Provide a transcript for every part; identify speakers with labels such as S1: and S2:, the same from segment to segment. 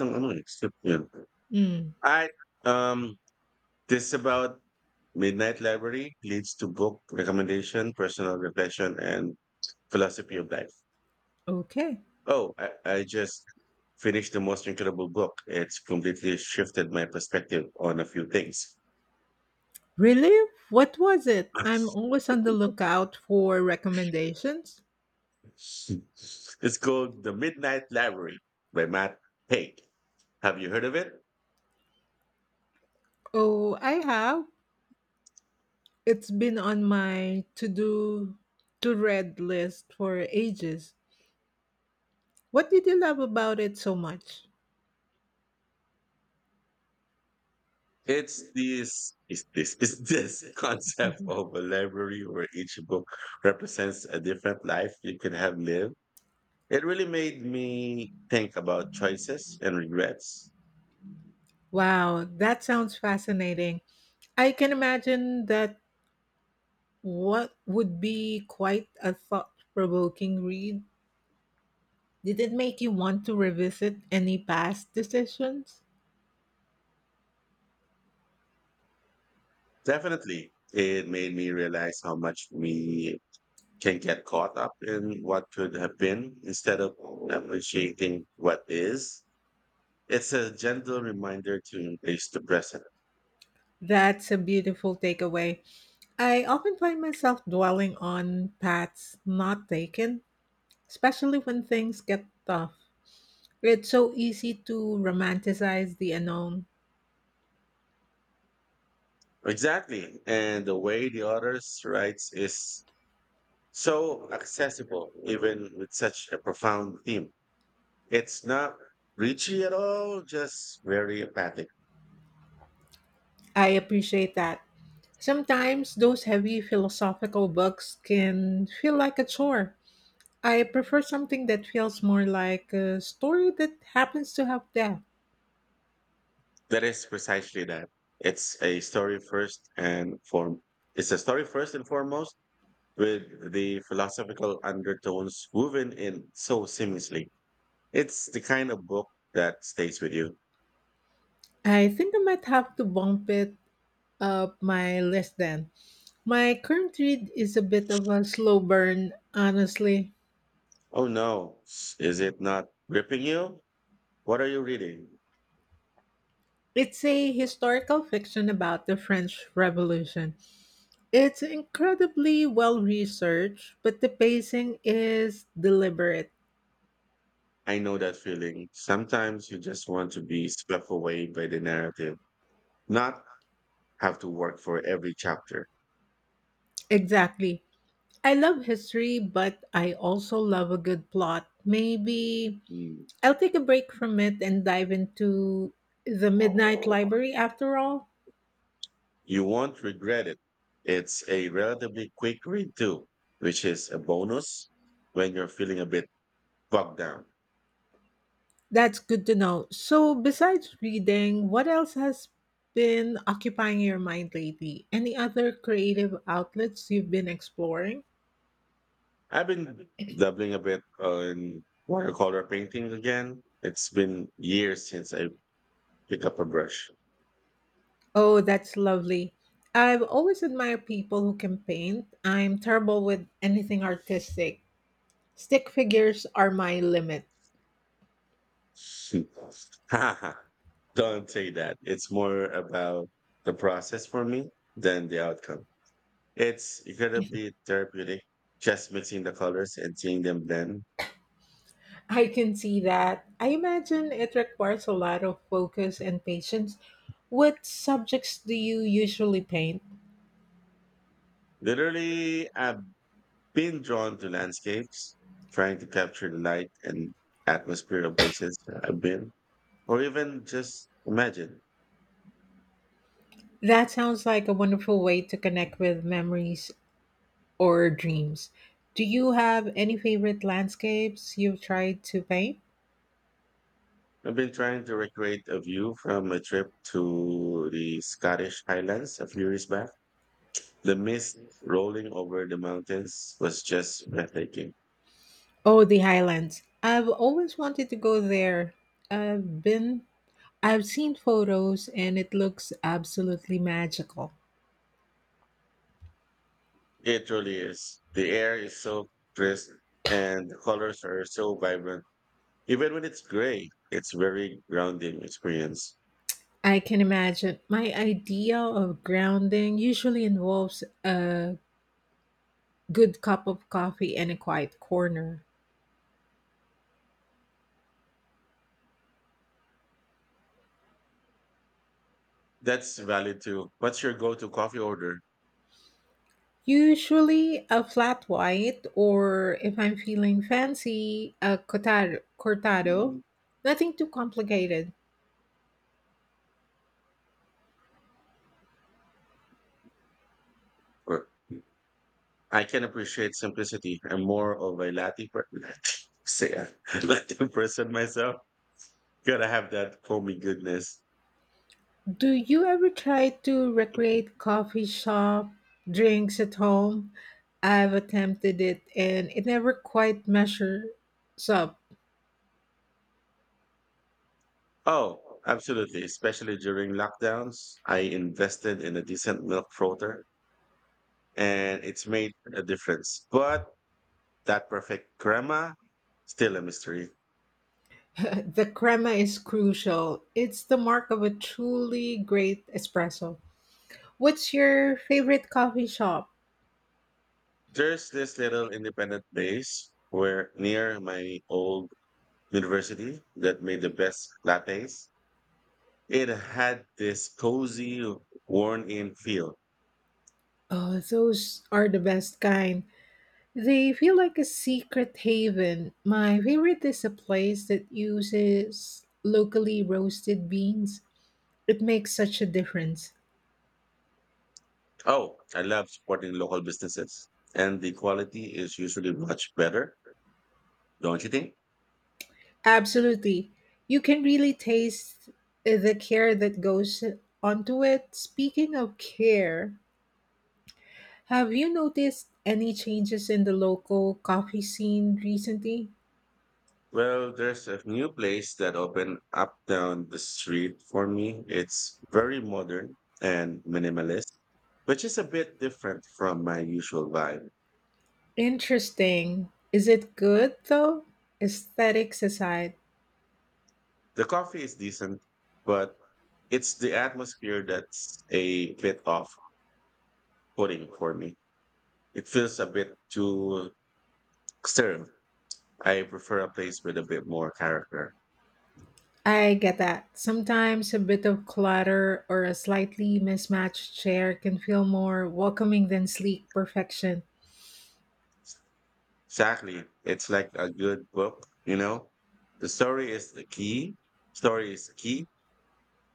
S1: Ng ano, eh, yun.
S2: Mm,
S1: At, um, this about Midnight Library leads to book recommendation, personal reflection, and philosophy of life.
S2: okay.
S1: Oh, I just finished the most incredible book. It's completely shifted my perspective on a few things.
S2: Really? What was it? I'm always on the lookout for recommendations.
S1: It's called The Midnight Library by Matt Haig. Have you heard of it?
S2: Oh, I have. It's been on my to do to read list for ages. What did you love about it so much?
S1: It's this concept
S2: Mhm.
S1: of a library where each book represents a different life you could have lived. It really made me think about choices and regrets.
S2: Wow, that sounds fascinating. I can imagine that what would be quite a thought provoking read. Did it make you want to revisit any past decisions?
S1: Definitely, it made me realize how much we can get caught up in what could have been instead of appreciating what is. It's a gentle reminder to embrace the present.
S2: That's a beautiful takeaway. I often find myself dwelling on paths not taken, especially when things get tough. It's so easy to romanticize the unknown.
S1: Exactly. And the way the author writes is so accessible, even with such a profound theme. It's not preachy at all, just very empathic.
S2: I appreciate that. Sometimes those heavy philosophical books can feel like a chore. I prefer something that feels more like a story that happens to have depth.
S1: That is precisely that. It's a story first and form. It's a story first and foremost, with the philosophical undertones woven in so seamlessly. It's the kind of book that stays with you.
S2: I think I might have to bump it my list then. My current read is a bit of a slow burn, honestly.
S1: Oh no, is it not gripping you? What are you reading?
S2: It's a historical fiction about the French Revolution. It's incredibly well researched, but the pacing is deliberate.
S1: I know that feeling. Sometimes you just want to be swept away by the narrative, not have to work for every chapter.
S2: Exactly. I love history, but I also love a good plot. Maybe
S1: Mm.
S2: I'll take a break from it and dive into The Midnight Library after all.
S1: You won't regret it. It's a relatively quick read too, which is a bonus when you're feeling a bit bogged down.
S2: That's good to know. So, besides reading, what else has been occupying your mind lately? Any other creative outlets you've been exploring?
S1: I've been dabbling a bit on watercolor painting again. It's been years since I picked up a brush.
S2: Oh, that's lovely. I've always admired people who can paint. I'm terrible with anything artistic. Stick figures are my limit.
S1: Don't say that. It's more about the process for me than the outcome. It's incredibly therapeutic, just mixing the colors and seeing them blend.
S2: I can see that. I imagine it requires a lot of focus and patience. What subjects do you usually paint?
S1: Literally, I've been drawn to landscapes, trying to capture the light and atmosphere of places I've been, or even just imagine.
S2: That sounds like a wonderful way to connect with memories or dreams. Do you have any favorite landscapes you've tried to paint?
S1: I've been trying to recreate a view from a trip to the Scottish Highlands a few years back. The mist rolling over the mountains was just breathtaking.
S2: Oh, the Highlands. I've always wanted to go there. I've been I've seen photos and it looks absolutely magical.
S1: It really is. The air is so crisp and the colors are so vibrant. Even when it's gray, it's very grounding experience.
S2: I can imagine. My idea of grounding usually involves a good cup of coffee and a quiet corner.
S1: That's valid too. What's your go-to coffee order?
S2: Usually a flat white, or if I'm feeling fancy, a cortado. Nothing too complicated.
S1: Or- I can appreciate simplicity. I'm more of a latte per- Say a latte person myself. Gotta have that foamy goodness.
S2: Do you ever try to recreate coffee shop drinks at home? I've attempted it and it never quite measures up.
S1: Oh, absolutely. Especially during lockdowns, I invested in a decent milk frother, and it's made a difference. But that perfect crema, still a mystery.
S2: The crema is crucial. It's the mark of a truly great espresso. What's your favorite coffee shop?
S1: There's this little independent place where near my old university that made the best lattes. It had this cozy, worn-in feel.
S2: Oh, those are the best kind. They feel like a secret haven. My favorite is a place that uses locally roasted beans. It makes such a difference.
S1: Oh, I love supporting local businesses, and the quality is usually much better, don't you think?
S2: Absolutely. You can really taste the care that goes onto it. Speaking of care, have you noticed any changes in the local coffee scene recently?
S1: Well, there's a new place that opened up down the street for me. It's very modern and minimalist, which is a bit different from my usual vibe.
S2: Interesting. Is it good though? Aesthetics aside.
S1: The coffee is decent, but it's the atmosphere that's a bit off putting for me. It feels a bit too stern. I prefer a place with a bit more character.
S2: I get that. Sometimes a bit of clutter or a slightly mismatched chair can feel more welcoming than sleek perfection.
S1: Exactly. It's like a good book, you know? The story is the key. Story is key,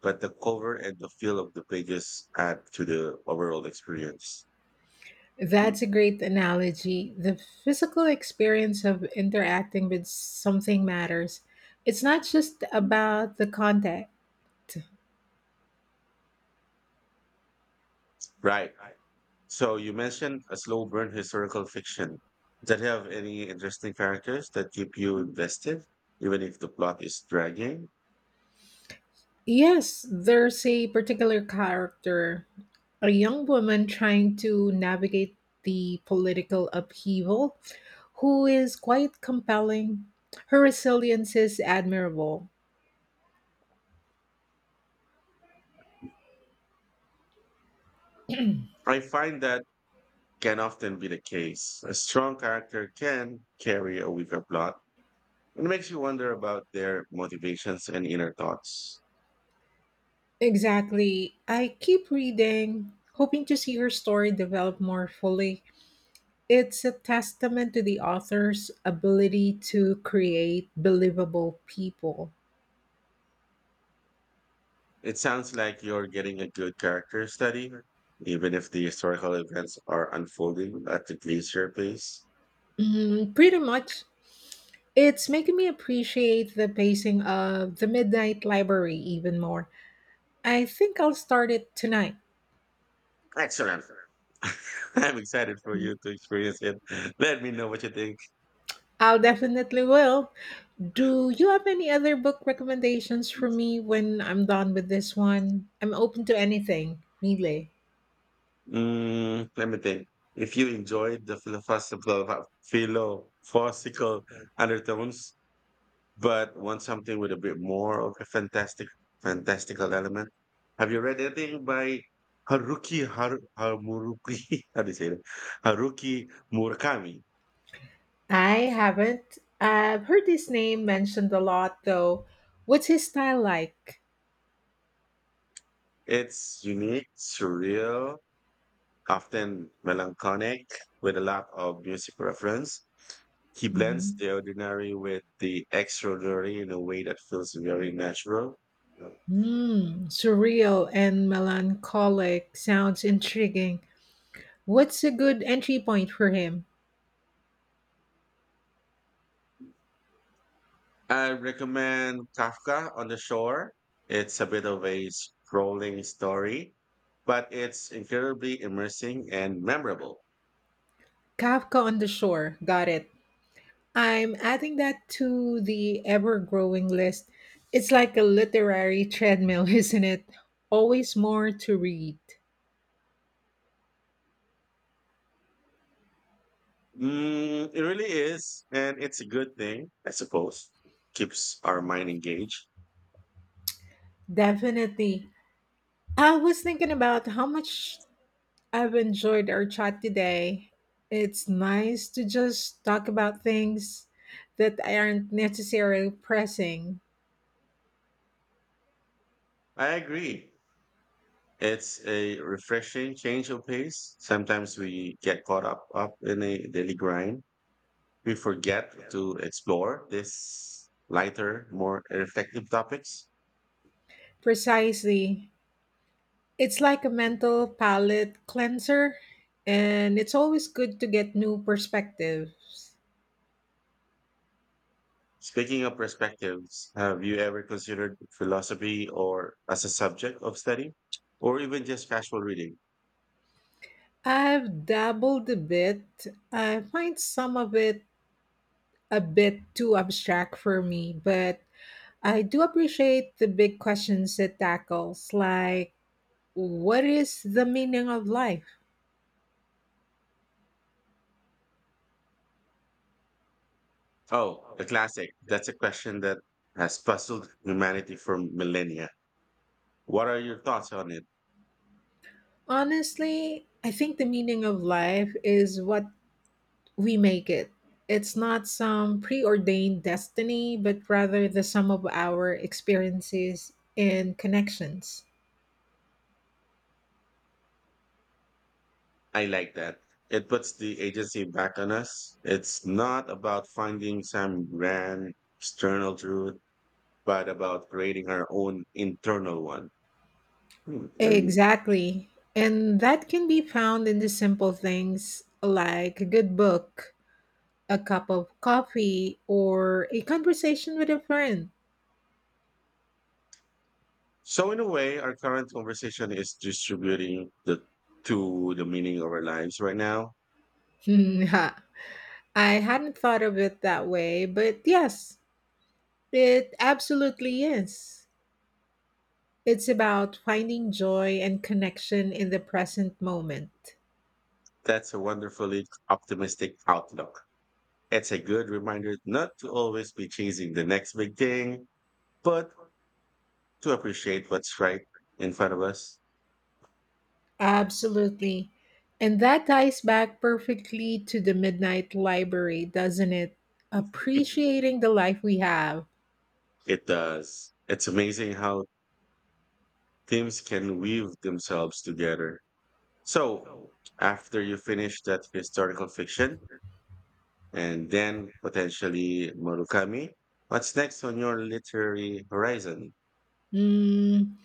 S1: but the cover and the feel of the pages add to the overall experience.
S2: That's a great analogy. The physical experience of interacting with something matters. It's not just about the contact.
S1: Right. So you mentioned a slow burn historical fiction. Does it have any interesting characters that keep you invested, even if the plot is dragging?
S2: Yes, there's a particular character, a young woman trying to navigate the political upheaval, who is quite compelling. Her resilience is admirable.
S1: I find that can often be the case. A strong character can carry a weaker plot. It makes you wonder about their motivations and inner thoughts.
S2: Exactly. I keep reading, hoping to see her story develop more fully. It's a testament to the author's ability to create believable people.
S1: It sounds like you're getting a good character study, even if the historical events are unfolding at the glacier pace.
S2: Mm, pretty much. It's making me appreciate the pacing of The Midnight Library even more. I think I'll start it tonight.
S1: Excellent. I'm excited for you to experience it. Let me know what you think.
S2: I'll definitely will. Do you have any other book recommendations for me when I'm done with this one? I'm open to anything, really.
S1: Mm, let me think. If you enjoyed the philosophical undertones but want something with a bit more of a fantastical element. Have you read anything by Haruki Hamuruki? How do you say that? Haruki Murakami.
S2: I haven't. I've heard his name mentioned a lot though. What's his style like?
S1: It's unique, surreal, often melancholic, with a lot of music reference. He blends
S2: Mhm.
S1: the ordinary with the extraordinary in a way that feels very natural.
S2: Hmm, surreal and melancholic sounds intriguing. What's a good entry point for him?
S1: I recommend Kafka on the Shore. It's a bit of a sprawling story, but it's incredibly immersing and memorable.
S2: Kafka on the Shore. Got it. I'm adding that to the ever growing list. It's like a literary treadmill, isn't it? Always more to read.
S1: Mm, it really is, and it's a good thing, I suppose. Keeps our mind engaged.
S2: Definitely. I was thinking about how much I've enjoyed our chat today. It's nice to just talk about things that aren't necessarily pressing.
S1: I agree. It's a refreshing change of pace. Sometimes we get caught up in a daily grind. We forget to explore these lighter, more reflective topics.
S2: Precisely. It's like a mental palate cleanser, and it's always good to get new perspectives.
S1: Speaking of perspectives, have you ever considered philosophy or as a subject of study or even just casual reading?
S2: I've dabbled a bit. I find some of it a bit too abstract for me, but I do appreciate the big questions it tackles, like what is the meaning of life?
S1: Oh, the classic. That's a question that has puzzled humanity for millennia. What are your thoughts on it?
S2: Honestly, I think the meaning of life is what we make it. It's not some preordained destiny, but rather the sum of our experiences and connections.
S1: I like that. It puts the agency back on us. It's not about finding some grand external truth, but about creating our own internal one. Hmm, very.
S2: Exactly. And that can be found in the simple things like a good book, a cup of coffee, or a conversation with a friend.
S1: So in a way, our current conversation is distributing the to the meaning of our lives right now.
S2: Hmm, ha. I hadn't thought of it that way, but yes, it absolutely is. It's about finding joy and connection in the present moment.
S1: That's a wonderfully optimistic outlook. It's a good reminder not to always be chasing the next big thing, but to appreciate what's right in front of us.
S2: Absolutely. And that ties back perfectly to the Midnight Library, doesn't it? Appreciating the life we have.
S1: It does. It's amazing how themes can weave themselves together. So after you finish that historical fiction, and then potentially Murakami. What's next on your literary horizon?
S2: Mm,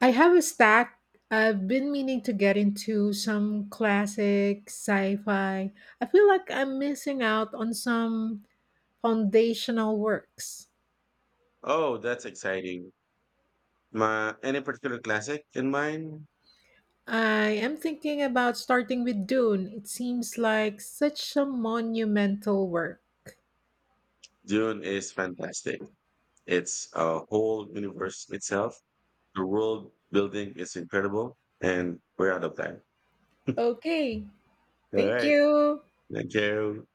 S2: I have a stack. I've been meaning to get into some classic sci fi. I feel like I'm missing out on some foundational works.
S1: Oh, that's exciting. Any particular classic in mind?
S2: I am thinking about starting with Dune. It seems like such a monumental work.
S1: Dune is fantastic. It's a whole universe itself. The world building is incredible, and we're out of time.
S2: Okay.
S1: All
S2: Thank
S1: right.
S2: you.
S1: Thank you.